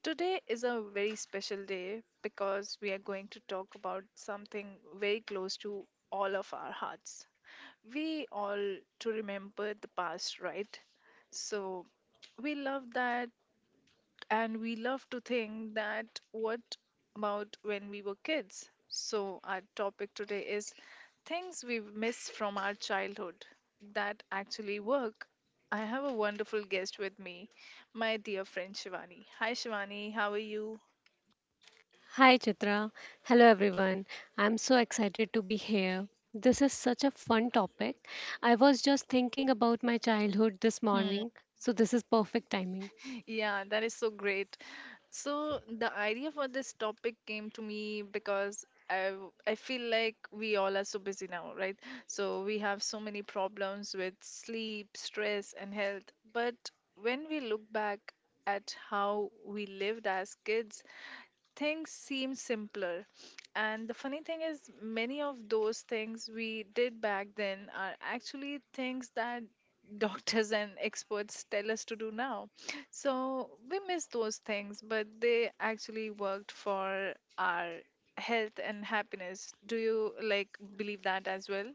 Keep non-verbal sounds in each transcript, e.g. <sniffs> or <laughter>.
Today is a very special day because we are going to talk about something very close to all of our hearts. We all to remember the past, right? So we love that and we love to think that what about when we were kids? So, our topic today is things we miss from our childhood that actually work. I have a wonderful guest with me, my dear friend Shivani. Hi, Shivani, how are you? Hi Chitra. Hello everyone. I'm so excited to be here. This is such a fun topic. I was just thinking about my childhood this morning, so this is perfect timing. Yeah, that is so great. So the idea for this topic came to me because I feel like we all are so busy now, right? So we have so many problems with sleep, stress, and health. But when we look back at how we lived as kids, things seem simpler. And the funny thing is, many of those things we did back then are actually things that <laughs> doctors and experts tell us to do now. So we miss those things, but they actually worked for our health and happiness. Do you like believe that as well?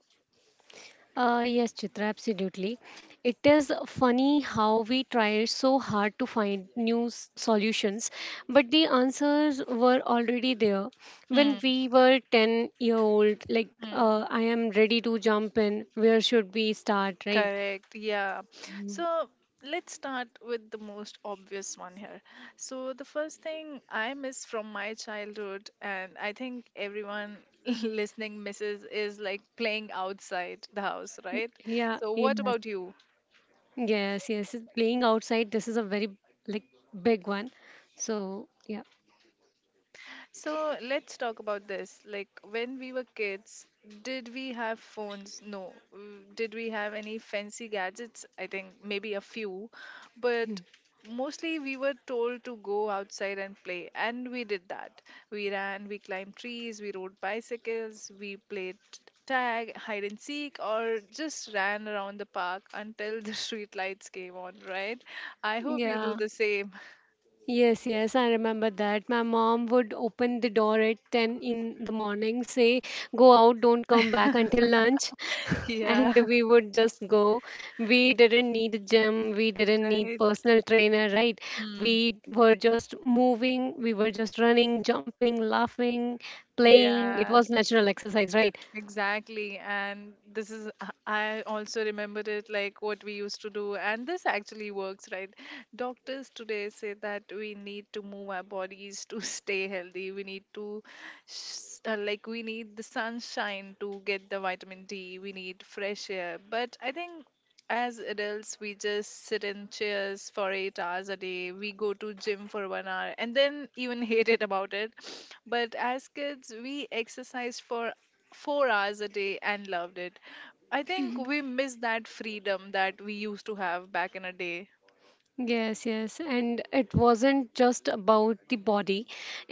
Yes, Chitra, absolutely. It is funny how we tried so hard to find new solutions, but the answers were already there. When Hmm. we were 10-year-old, like, Hmm. I am ready to jump in, where should we start, right? Correct. Yeah. Mm. So let's start with the most obvious one here. So the first thing I miss from my childhood, and I think everyone <laughs> listening misses, is like playing outside the house, right? Yeah, So what yes. about you? Yes, yes. Playing outside, this is a very like big one. So yeah, So let's talk about this. Like when we were kids, did we have phones? No. Did we have any fancy gadgets? I think maybe a few, but mostly we were told to go outside and play, and we did that. We ran, we climbed trees, we rode bicycles, we played tag, hide and seek, or just ran around the park until the <laughs> street lights came on, right? I hope you do yeah. the same. <laughs> Yes, yes, I remember that. My mom would open the door at 10 in the morning, say, go out, don't come back until lunch. <laughs> Yeah, And we would just go. We didn't need a gym, we <laughs> didn't right. need personal trainer, right? Hmm. We were just moving, we were just running, jumping, laughing, playing. It was Yeah. natural exercise, right? Exactly. And this is, I also remembered it like what we used to do. And this actually works, right? Doctors today say that we need to move our bodies to <laughs> stay healthy. We need the sunshine to get the vitamin D. We need fresh air. But I think as adults, we just sit in chairs for 8 hours a day. We go to gym for 1 hour and then even <laughs> hate it about it. But as kids, we exercised for 4 hours a day and loved it. I think we miss that freedom that we used to have back in a day. Yes, yes. And it wasn't just about the body,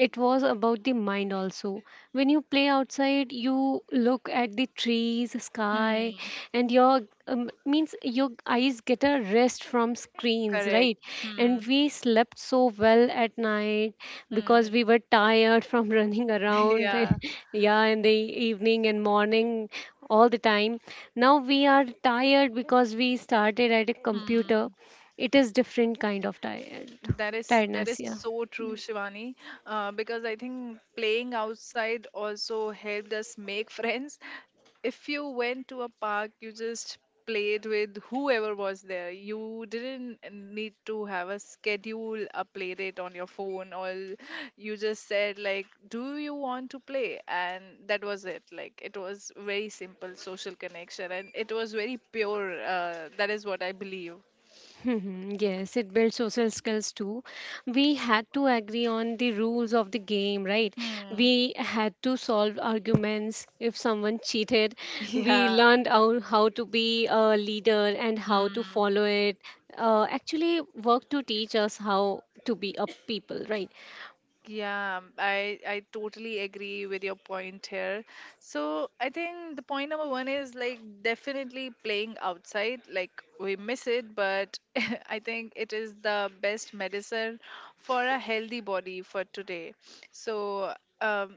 it was about the mind also. When you play outside, you look at the trees, sky, Hmm. and your means your eyes get a rest from screens, Correct. right? Hmm. And we slept so well at night because Hmm. we were tired from <laughs> running <laughs> around, Yeah. <laughs> yeah, in the evening and morning all the time. Now we are tired because we started at a computer. Hmm. It is different kind of tired That is that tiredness, is yeah. so true, Shivani. Because I think playing outside also helped us make <laughs> friends. If you went to a park, you just played with whoever was there. You didn't need to have a schedule, a play date on your phone, or you just said like, "Do you want to play?" And that was it. Like it was very simple social connection, and it was very pure. That is what I believe. Mhm, yes, it builds social skills too. We had to agree on the rules of the game, right? Hmm. We had to solve arguments. If someone cheated, <laughs> we Yeah. learned how to be a leader and how to Hmm. follow it. Actually, work to teach us how to be a people, right? Yeah, I totally agree with your point here. So I think the point number one is like definitely playing outside. Like we miss it, but <laughs> I think it is the best medicine for a healthy body for today. So um,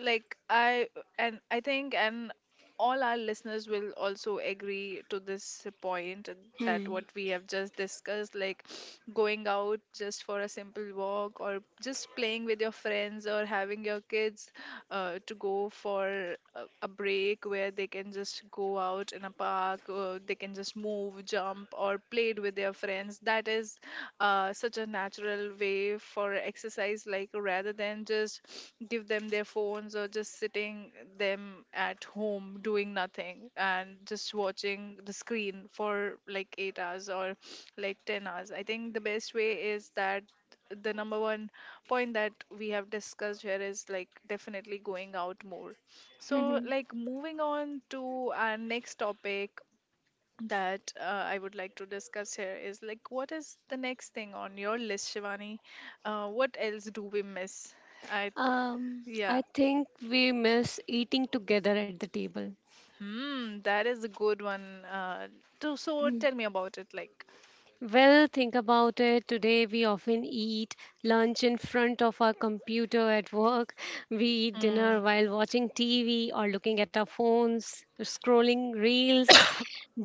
like I and I think and all our listeners will also agree to this point, that Hmm. what we have just discussed, like <sniffs> going out just for a simple walk or just playing with your friends, or having your kids to go for a break where they can just go out in a park, or they can just move, jump, or play it with their friends. That is such a natural way for exercise, like rather than just give them their phones or just sitting them at home doing nothing and just watching the screen for like 8 hours or like 10 hours. I think the best way is that the number one point that we have discussed here is like definitely going out more. So, <laughs> like, moving on to our next topic that I would like to discuss here is, like, what is the next thing on your list, Shivani? What else do we miss? I yeah, I think we miss eating together at the table. hmm, that is a good one. So tell <laughs> me about it. Like, Well, think about it. Today, we often eat lunch in front of our computer at work. <laughs> We eat dinner hmm, while watching TV or looking at our phones, scrolling reels.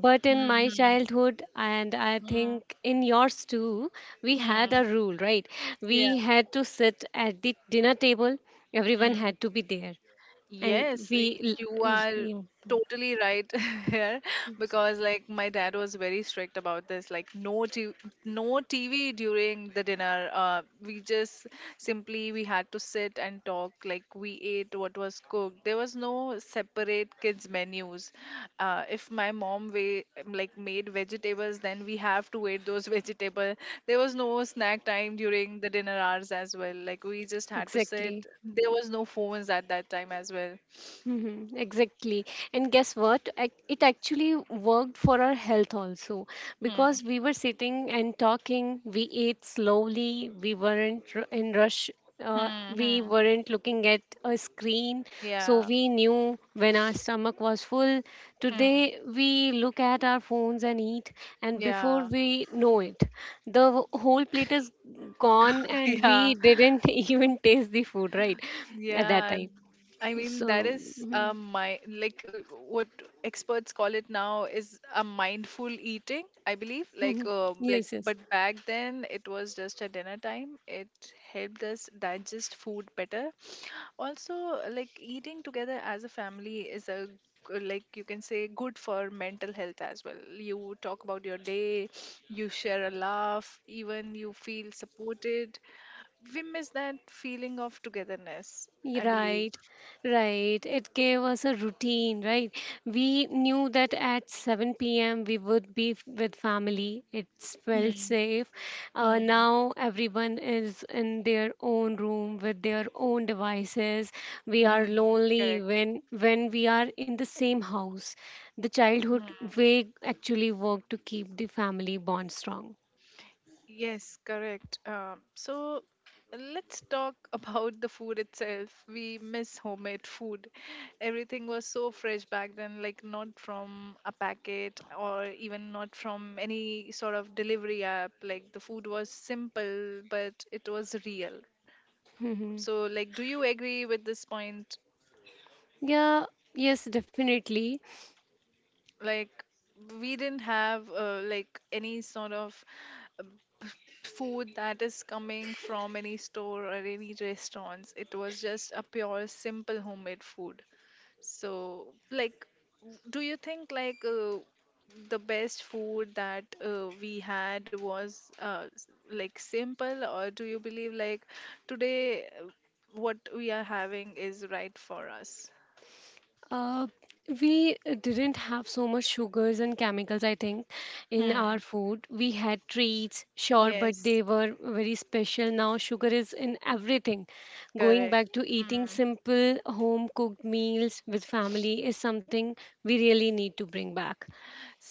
But in hmm, my hmm, childhood, and I hmm, think in yours too, we had hmm, a rule, right? yeah, We had to sit at the dinner table, everyone hmm. had to be there. And Yes, we, you are yeah, totally right <laughs> here, because like my dad was very strict about this, like no no TV during the dinner. We just simply we had to sit and talk. Like we ate what was cooked. There was no separate kids menus. If my mom way like made vegetables, then we have to eat those <laughs> vegetables. There was no snack time during the dinner hours as well. Like we just had to sit. exactly. There was no phones at that time as well. Mm-hmm, exactly. And guess what? It actually worked for our health also Hmm. because we were sitting and talking, we ate slowly, we weren't in rush, Hmm. we Hmm. weren't looking at a screen, so Yeah. we knew when our stomach was full. Hmm. Today, we look at our phones and eat, and before Yeah. we know it, the whole plate is gone, <laughs> and Yeah. we didn't <laughs> even taste the food, right? At that Yeah. time. I mean, that So, is mhm, my like what experts call it now is a mindful eating, I believe. Mhm. <laughs> Like, Yes, yes. but back then it was just a dinner time. It helped us digest food better, also like eating together as a family is a g- like you can say good for mental health as well. You talk about your day, you share a laugh, even you feel supported. We miss that feeling of togetherness, I believe. Right, right. It gave us a routine, right? We knew that at 7 p.m. we would be with family. It felt Hmm. safe. Hmm. Now everyone is in their own room with their own devices. We are Hmm. lonely Correct. when we are in the same house. The childhood Hmm. way actually worked to keep the family bond strong. Yes, correct. So let's talk <laughs> about the food itself. We miss homemade food. Everything was so fresh back then, like not from a packet or even not from any sort of delivery app. Like the food was simple, but it was real. Mhm. So, like, do you agree with this point? Yeah, yes, definitely. Like, we didn't have like any sort of food that is coming from any store or any restaurants. It was just a pure, simple homemade food. So, like, do you think, like the best food that we had was like simple, or do you believe like today what we are having is right for us? Uh, we didn't have so much sugars and chemicals, I think, in our Hmm. food. We had treats, sure, but Yes. they were very special. Now, sugar is in everything. Going Correct. back to eating Hmm. simple home cooked meals with family is something we really need to bring back,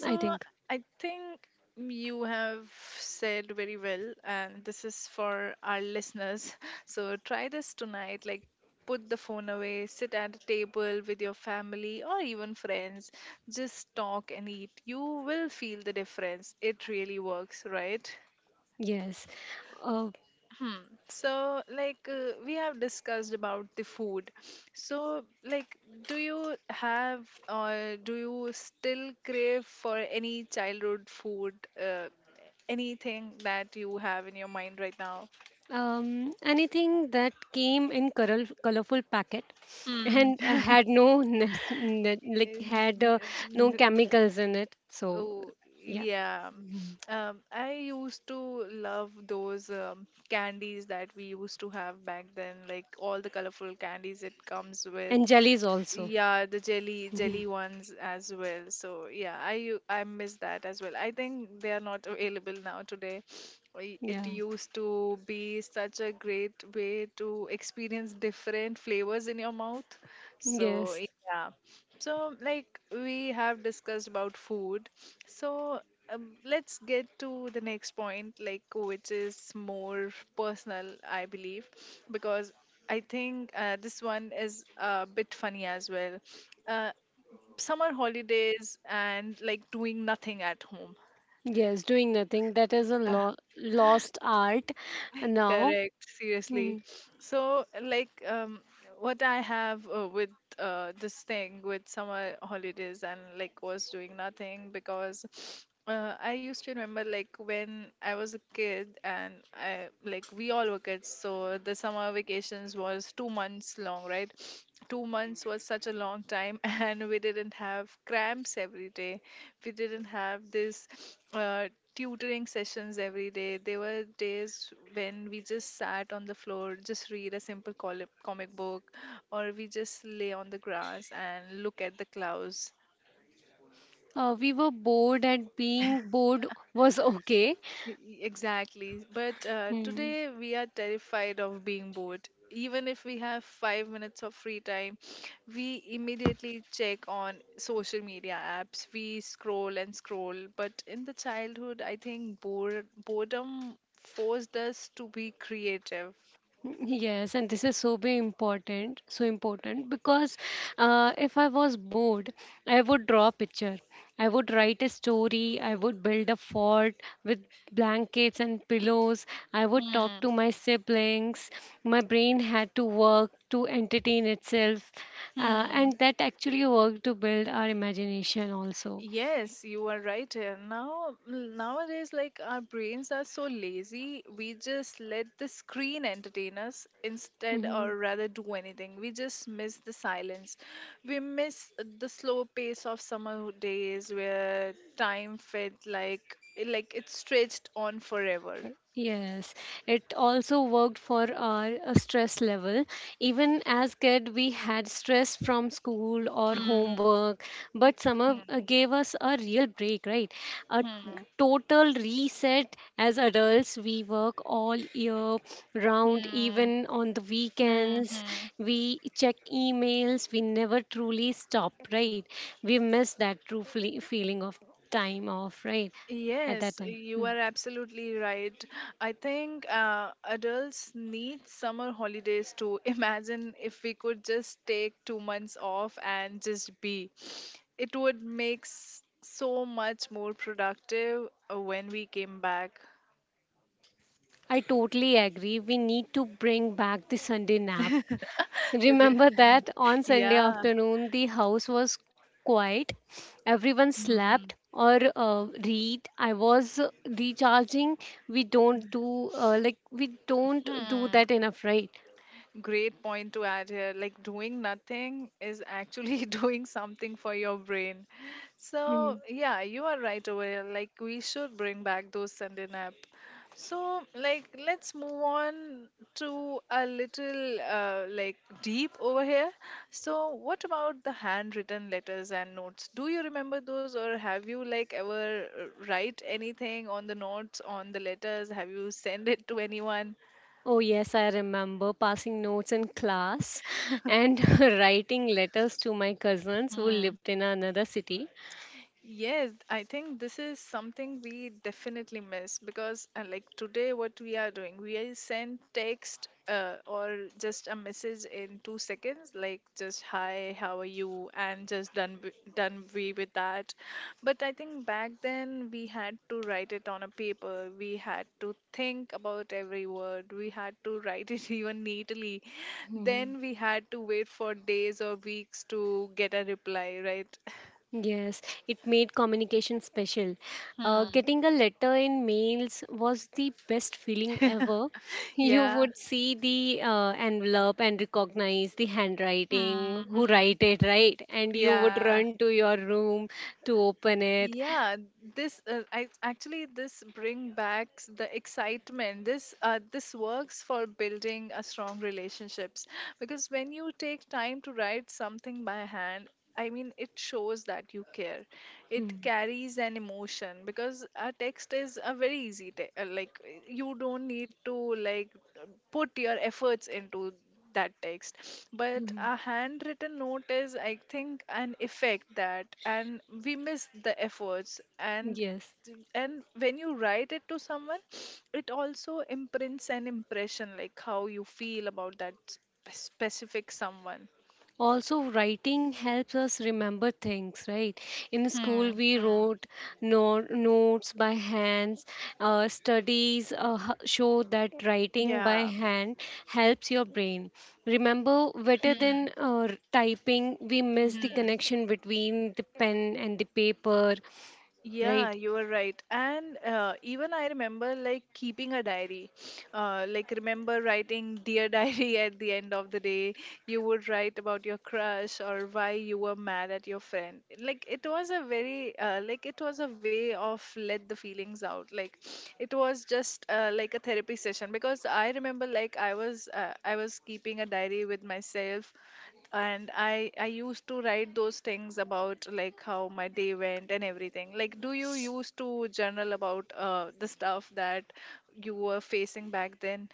I think. I think you have said very well, and this is for our listeners. <laughs> So try this tonight. Like, put the phone away, sit at a table with your family or even friends, just talk and eat. You will feel the difference. It really works, right? Yes. Uh, Hmm. So, like, we have discussed about the food. So, like, do you still crave for any childhood food? Anything that you have in your mind right now? Anything that came in color, colorful packet Hmm. and <laughs> had no like Um, had no uh, uh, chemicals in it. So Oh, yeah, yeah. I used to love those candies that we used to have back then, like all the colorful candies it comes with. and jellies also. Yeah, the jelly ones as well. So yeah, I miss that as well. I think they are not available now today. It Yeah. used to be such a great way to experience different flavors in your mouth. So Yes. yeah. So like we have discussed about food. So let's get to the next point, like which is more personal, I believe, because I think this one is a bit funny as well. Uh, summer holidays and like doing nothing at home. Yes. Doing nothing. That is a lost art now. Correct, seriously. Mm. So, like, what I have with this thing with summer holidays, and like was doing nothing, because <sniffs> I used to remember, like when I was a kid and I like we all were kids, so the summer vacations was 2 months long, right? 2 months was such a long time, <laughs> and we didn't have cramps every day. We didn't have this uh, tutoring sessions every day. There were days when we just sat on the floor, just read a simple comic book, or we just lay on the grass and look at the clouds. We were bored, and being bored was <laughs> okay. Exactly. But Mm. today we are terrified of being bored. Even if we have 5 minutes of free time, we immediately check on social media apps. We scroll and scroll. But in the childhood, I think boredom forced us to be creative. Yes, and this is so be important, so important because if I was bored, I would draw a picture. I would write a story. I would build a fort with blankets and pillows. I would talk Hmm. to my siblings. My brain had to work to entertain itself, Hmm. and that actually worked to build our imagination also. Yes, you are right. Now, nowadays, like our brains are so lazy, we just let the screen entertain us instead, Mm-hmm. or rather, do anything. We just miss the silence. We miss the slow pace of summer days where time felt like it stretched on forever. Yes, it also worked for our stress level. Even as kid, we had stress from school or Hmm. homework, but summer Hmm. gave us a real break, right? A Hmm. total reset as adults. We work all year round, Hmm. even on the Hmm. weekends. Hmm. We check emails. We never truly stop, right? We miss that true feeling of time off, right? At that Yes, time. you Hmm. are absolutely right. I think adults need summer holidays too. <laughs> Imagine if we could just take 2 months off and just be. It would make so much more productive when we came back. I totally agree. We need to bring back the Sunday nap. <laughs> It re- Remember that on Sunday yeah. afternoon, the house was quiet, everyone slept Hmm. or read. I was recharging. We don't do Like we don't do Hmm. that enough, right? Great point to add here. Like doing nothing is actually <laughs> doing something for your brain. Hmm. So yeah, you are right over here. Like we should bring back those Sunday nap. So like let's move on to a little deep over here. So what about the handwritten letters and notes? Do you remember those, or have you ever write anything on the notes on the letters? Have you send it to anyone? Oh, yes, I remember passing notes in class and <laughs> writing letters to my cousins who lived in another city. Yes, I think this is something we definitely miss because, today, what we are doing, we are send text or just a message in 2 seconds, like just hi, how are you, and just done we with that. But I think back then we had to write it on a paper. We had to think about every word. We had to write it <laughs> even neatly. Then we had to wait for days or weeks to get a reply, right? Yes, it made communication special. Hmm. Getting a letter in mails was the best feeling ever. <laughs> You Yeah. would see the envelope and recognize the handwriting, who Hmm. write it, right? And you would Yeah, run to your room to open it. yeah. Actually this bring back the excitement. This works for building a strong relationships because when you take time to write something by hand, I mean it shows that you care, Hmm, it carries an emotion because a text is a very easy, you don't need to like uh, put your efforts into that text, hmm. but Hmm. a handwritten note is I think an effect that, and we miss the efforts. and Yes. and when you write it to someone it also imprints an impression like how you feel about that specific someone. Also, writing helps us remember things, right? In Hmm, school, we hmm. wrote notes by hands. Studies show that writing by Yeah. hand helps your brain. Remember, better Hmm, than typing, we miss the hmm. connection between the pen and the paper, right? Yeah, you are right. And even I remember like keeping a diary. Like remember writing dear <laughs> diary at the end of the day. You would write about your crush or why you were mad at your friend. Like it was a very it was a way of let the feelings out. Like it was just like a therapy session because I remember like I was keeping a diary with myself, and I used to write those things about like how my day went and everything. Like do you used to journal about the stuff that you were facing back then?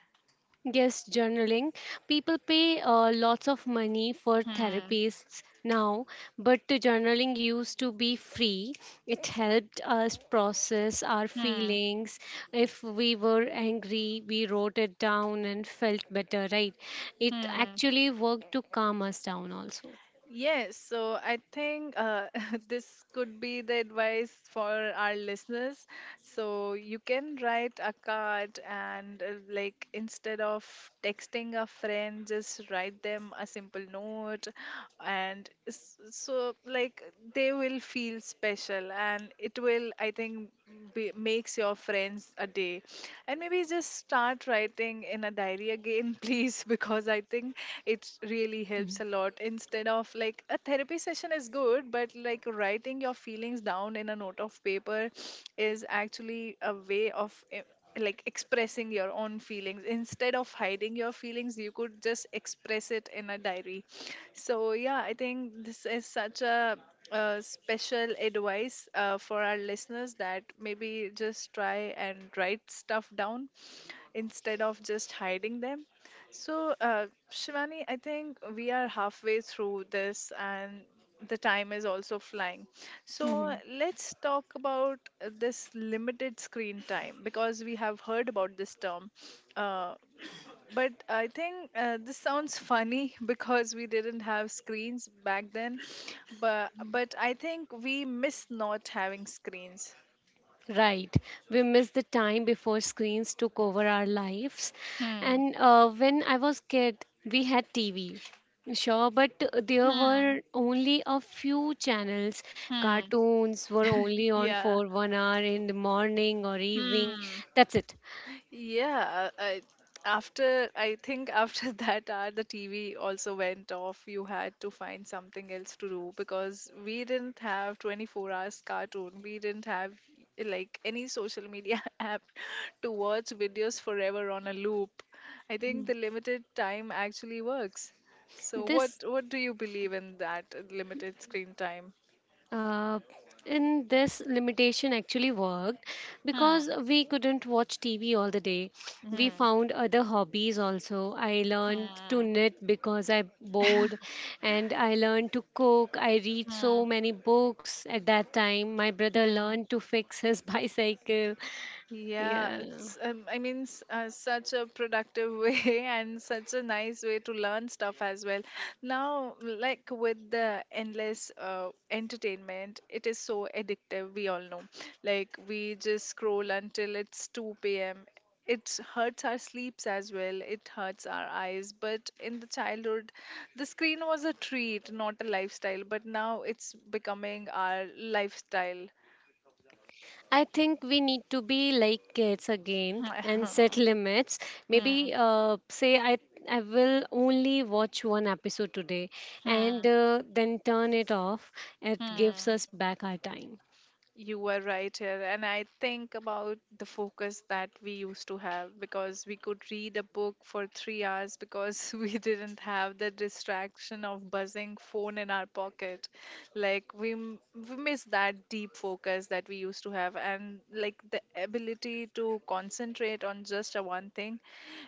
Yes, journaling. People pay lots of money for Hmm, therapists now, but the journaling used to be free. It helped us process our hmm, feelings. If we were angry, we wrote it down and felt better, right? It hmm. actually worked to calm us down also. Yes, so I think <laughs> this could be the advice for our listeners. So you can write a card, and instead of texting a friend, just write them a simple note, and so like they will feel special, and it will I think be, makes your friends a day. And maybe just start writing in a diary again, <laughs> please, because I think it really helps a Mhm. lot. Instead of like a therapy session is good, but like writing your feelings down in a note of paper is actually a way of expressing your own feelings. Instead of hiding your feelings you could just express it in a diary. So yeah, I think this is such a special advice for our listeners, that maybe just try and write stuff down instead of just hiding them. So, Shivani, I think we are halfway through this, and the time is also flying. So, Mhm. let's talk about this limited screen time because we have heard about this term. Uh, but I think this sounds funny <laughs> because we didn't have screens back then. But I think we miss not having screens. Right. We miss the time before screens took over our lives. Hmm. And when I was kid, we had TV. Sure, but there Hmm. were only a few channels. Hmm. Cartoons were only on Yeah. for 1 hour in the morning or evening. Hmm. That's it. Yeah, I after I think after <laughs> that hour the TV also went off. You had to find something else to do because we didn't have 24 hours cartoon. We didn't have like any social media <laughs> app to watch videos forever on a loop. I think Mm. the limited time actually works. So what This what do you believe in that limited screen time? uh, in this limitation actually worked Hmm. because we couldn't watch tv all the day. We Hmm. found other hobbies also. I learned to Hmm. knit because I bored, and I learned to cook. I read so Hmm. many books at that time. My brother Hmm. learned to fix his <laughs> bicycle. Yeah, Yeah. it's such a productive way <laughs> and such a nice way to learn stuff as well. Now, like with the endless entertainment, it is so addictive. We all know. Like we just scroll until it's 2 p.m. It hurts our sleeps as well. It hurts our eyes. But in the childhood, the screen was a treat, not a lifestyle. But now it's becoming our lifestyle. I think we need to be like kids again and set <laughs> limits. Hmm. Maybe say I will only watch one episode today Hmm. and then turn it off. It gives Hmm, us back our time. you were right here, and I think about the focus that we used to have, because we could read a book for 3 hours because <laughs> we didn't have the distraction of buzzing phone in our pocket. Like we m- we miss that deep focus that we used to have, and like the ability to concentrate on just a one thing.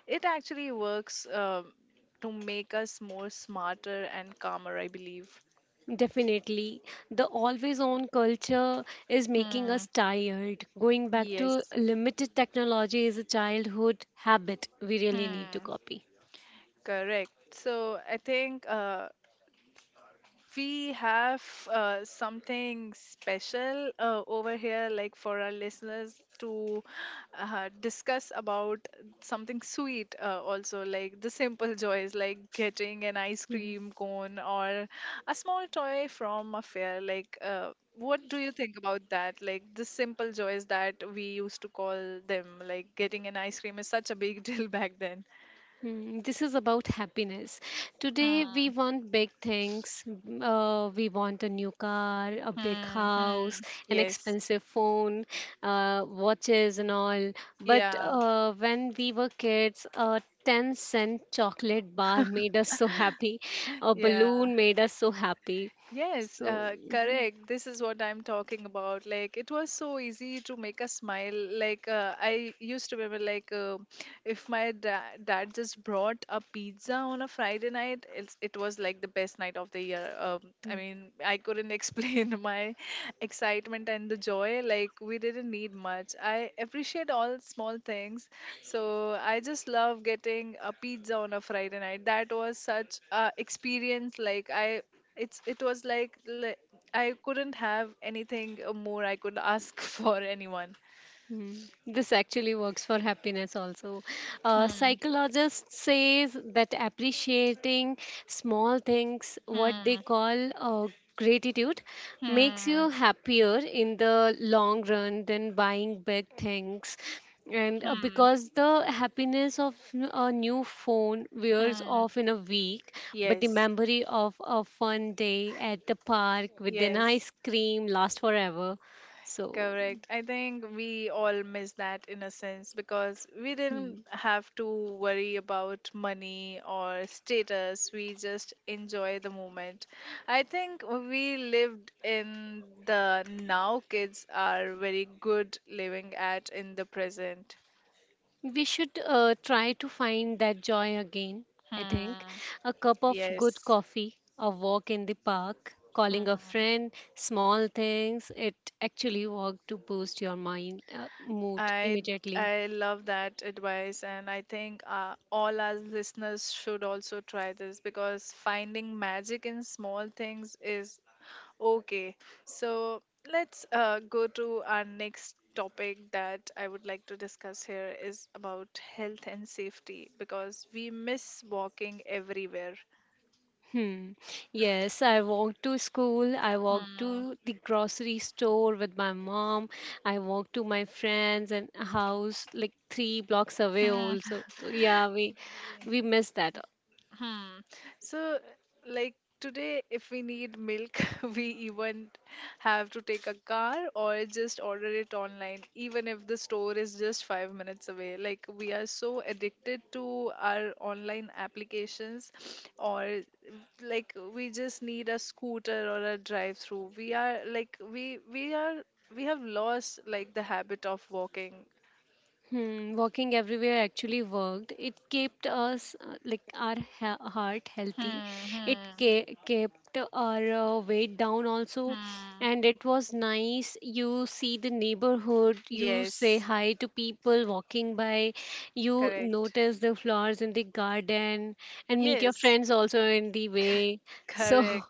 It actually works to make us more smarter and calmer, I believe. Definitely. The always on culture is making us Hmm. tired. Going back to Yes. limited technology is a childhood habit we really need to Hmm. copy. Correct. So I think we have something special over here, like for our listeners to discuss about something sweet, also like the simple joys, like getting an ice cream cone or a small toy from a fair. Like, what do you think about that? Like the simple joys that we used to call them, like getting an ice cream is such a big <laughs> deal back then. Hmm. This is about happiness. Today, we want big things. We want a new car, a big Hmm. house, Hmm. an Yes. expensive phone, watches, and all. But Yeah. When we were kids, a 10 cent chocolate bar made us so happy, a Yeah. balloon made us so happy. Yes, So, correct. This is what I'm talking about. Like, it was so easy to make us smile. I used to remember, like, if my dad just brought a pizza on a Friday night, it was like the best night of the year. I hmm. mean, I couldn't <laughs> explain my excitement and the joy. Like, we didn't need much. I appreciate all small things. So, I just love getting a pizza on a Friday night. That was such a experience. Like, I it's it was like I couldn't have anything more I could ask <laughs> for anyone. This actually works for happiness also. Hmm, Psychologists says that appreciating small things, what they hmm, call gratitude, makes hmm, you happier in the long run than buying big things. And hmm, because the happiness of a new phone wears hmm. off in a week, but the Yes, memory of a fun day at the park with an yes. ice cream lasts forever. So. Correct. I think we all miss that in a sense because we didn't Hmm. have to worry about money or status. We just enjoy the moment. I think we lived in the now. Kids are very good living at in the present. We should try to find that joy again, I think. Hmm. A cup of good Yes. coffee, a walk in the park, calling a Hmm. friend, small things. It actually work to boost your mind mood I immediately. I love that advice, and I think all our listeners should also try this because finding magic in small things is okay. So let's go to our next topic that I would like to discuss here is about health and safety because we miss walking everywhere. Hmm. Yes, I walked to school. I walked Hmm. to the grocery store with my mom. I walked to my friends and house like three blocks away Hmm. also. So, yeah, we miss that. Hmm. So, like today, if we need milk, <laughs> we even have to take a car or just order it online, even if the store is just 5 minutes away. Like, we are so addicted to our online applications, <sniffs> or like we just need a scooter or a drive-through. We are like, we are, we have lost like the habit of walking. Hmm, walking everywhere actually worked. It kept us like our heart healthy. Hmm. It Hmm. Kept our weight down also, Hmm. and it was nice. You see the neighborhood, you say Yes, hi to people walking by, you correct. notice the flowers in the garden, and meet your Yes. friends also in the way. So, Correct.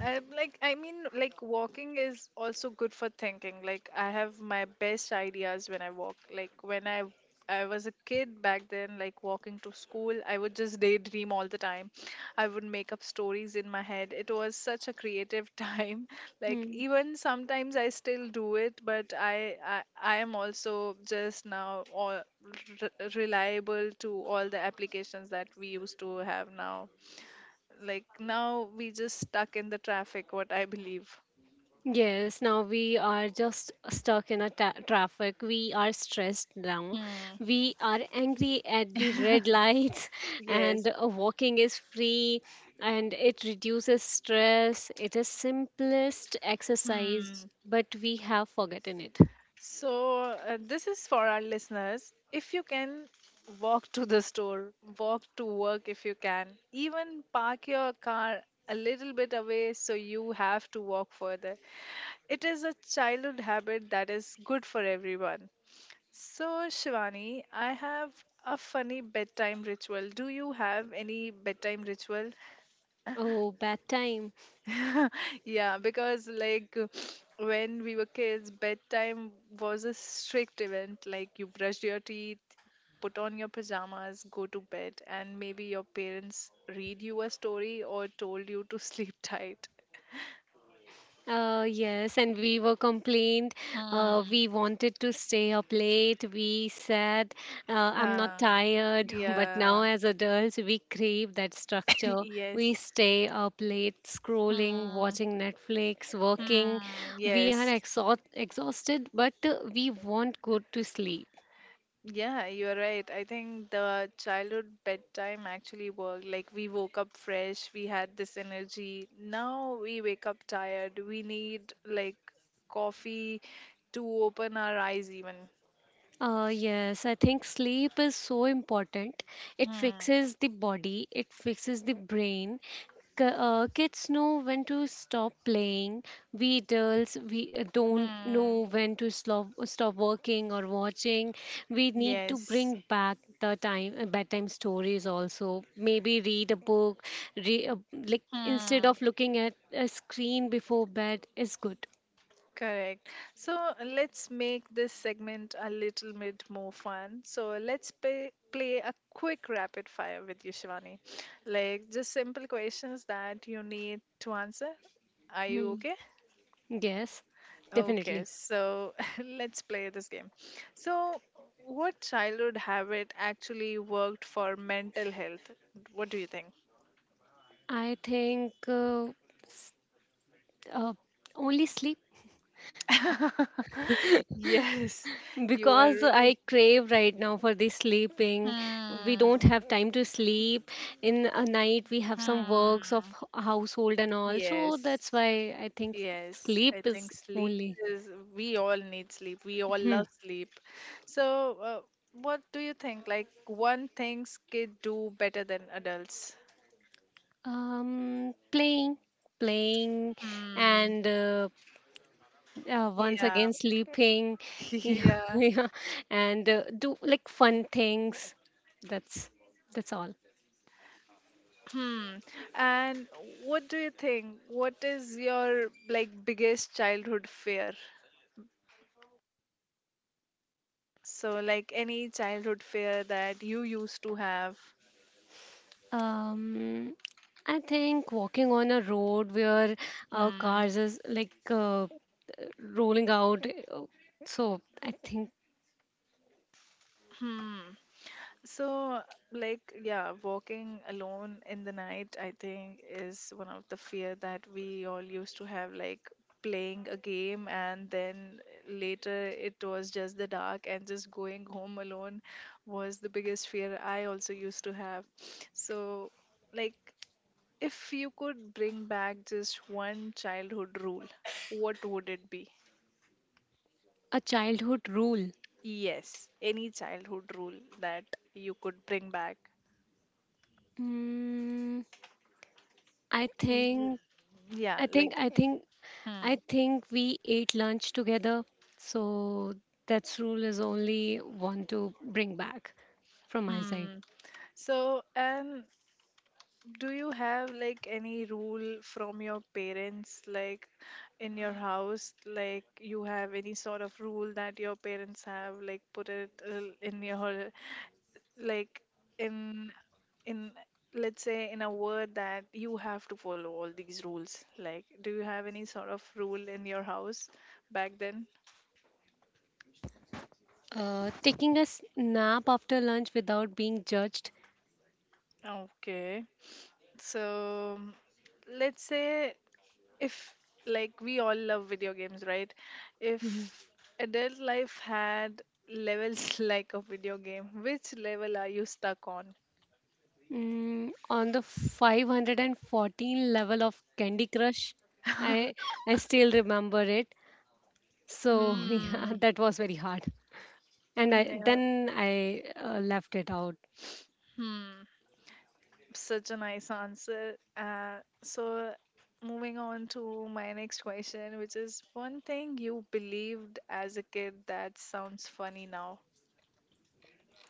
I'm like, I mean, like walking is also good for thinking. Like, I have my best ideas when I walk. Like, when I was a kid back then, like walking to school, I would just daydream all the time. I would make up stories in my head. It was such a creative <laughs> time. Like, <laughs> even sometimes I still do it, but I am also just now all reliable to all the applications that we used to have now. Like now we just stuck in the traffic, what I believe. yes, now we are just stuck in a traffic. We are stressed now. Hmm. We are angry at the red lights, <laughs> <laughs> and Yes. Walking is free and it reduces stress. It is simplest exercise, Hmm. but we have forgotten it. So, this is for our listeners. If you can walk to the store, walk to work if you can, even park your car a little bit away so you have to walk further. It is a childhood habit that is good for everyone. So, Shivani, I have a funny bedtime ritual. Do you have any bedtime ritual? Oh, bad time. <laughs> Yeah, because like when we were kids, bedtime was a strict event. Like you brushed your teeth, put on your pajamas, go to bed, and maybe your parents read you a story or told you to <laughs> sleep tight. Yes, and we were complained. Hmm. We wanted to stay up late. We said, I'm not Yeah. tired. <laughs> But now, Yeah. as adults, we crave that <laughs> structure. We Yes. stay up late, scrolling, Hmm. watching Netflix, working. Hmm. We are Yes. Exhausted, but we want good to sleep. Yeah, you're right. I think the childhood bedtime actually worked. Like we woke up fresh, we had this energy. Now we wake up tired. We need like coffee to open our eyes even. Yes, I think sleep is so important. It Hmm. fixes the body, it fixes the brain. Kids know when to stop playing. We adults, we don't Hmm. know when to stop working or watching. We need to Yes. bring back the time bedtime stories also. Maybe read a book, re, uh, like instead Hmm. of looking at a screen before bed is good. Correct. So let's make this segment a little bit more fun. So let's play a quick rapid fire with you, Shivani. Like just simple questions that you need to answer. Are you Hmm. okay? Yes, definitely. Okay, so <laughs> let's play this game. So, what childhood habit actually worked for mental health? What do you think? I think uh, only sleep <laughs> Yes, you are. because I crave right now for this sleeping. We don't Hmm. have time to sleep. In a night, we have some works of Hmm. Household and all. So Yes. that's why I think Yes, sleep I is think sleep only. is, we all need sleep. We all Hmm. love sleep. So, what do you think? Like, one things kid do better than adults? Playing, playing, Hmm. and once Yeah. again sleeping. <laughs> <laughs> Yeah, Yeah. yeah. And do like fun things. That's that's all. Hmm. And what do you think? What is your like biggest childhood fear? So, like any childhood fear that you used to have? Um, I think walking on a road where Hmm. cars is like rolling out. So I think Hmm. So, like, yeah, walking alone in the night, I think, is one of the fear that we all used to have, like playing a game and then later it was just the dark and just going home alone was the biggest fear I also used to have. So, like, if you could bring back just one childhood rule, what would it be? a childhood rule. Yes, any childhood rule that you could bring back. Mm, I Y- think Yeah, I think like I think I Hmm. think we ate lunch together. So that rule is only one to bring back from my side. Hmm. So, and do you have like any rule from your parents, like in your house, like you have any sort of rule that your parents have, like put it in your, like in in let's say in a word that you have to follow all these rules. Like, do you have any sort of rule in your house back then? Taking a nap after lunch without being judged. Okay. So, let's say if like we all love video games, right? Mm-hmm. If adult life had levels <laughs> like a video game, which level are you stuck on? On the 514 level of Candy Crush. I I still remember it. So <laughs> yeah, Hmm. that was very hard. And I Yeah, then I left it out. hmm. Such a nice answer, so moving on to my next question, which is one thing you believed as a kid that sounds funny now.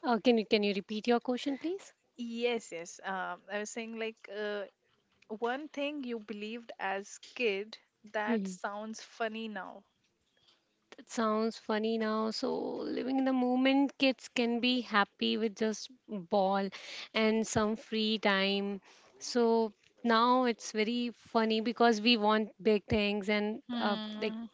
Can you repeat your question, please? Yes, yes, I was saying like one thing you believed as kid that Hmm. sounds funny now. That sounds funny now. So living in the moment, kids can be happy with just ball and some free time. So now it's very funny because we want big things and like Hmm.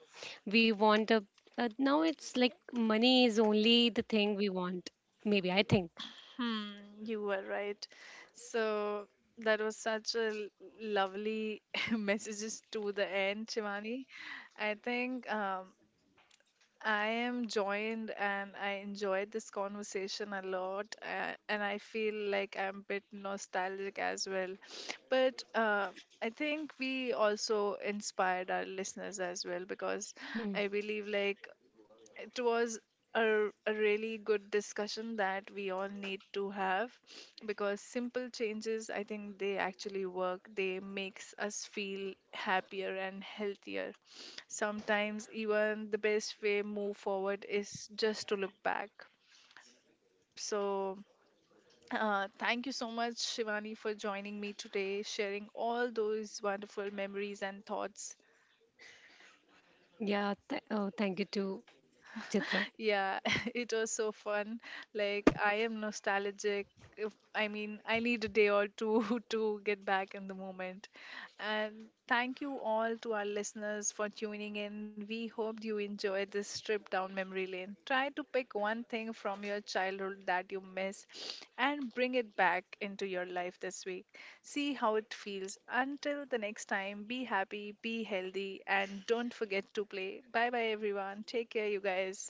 we want a now it's like money is only the thing we want maybe I think. Hmm. You were right. So that was such a lovely <laughs> messages to the end, Shivani. I think I am joined and I enjoyed this conversation a lot, and I feel like I'm a bit nostalgic as well. But I think we also inspired our listeners as well because Hmm. I believe like it was a really good discussion that we all need to have, because simple changes I think they actually work, they makes us feel happier and healthier. Sometimes even the best way move forward is just to look back. So thank you so much Shivani for joining me today, sharing all those wonderful memories and thoughts. Yeah, oh, thank you to Chitra. Yeah, <laughs> it was so fun. Like, I am nostalgic. If, I mean, I need a day or two <laughs> to get back in the moment. And thank you all to our listeners for tuning in. We hope you enjoyed this trip down memory lane. Try to pick one thing from your childhood that you miss and bring it back into your life this week. See how it feels. Until the next time, be happy, be healthy, and don't forget to play. Bye bye, everyone. Take care, you guys.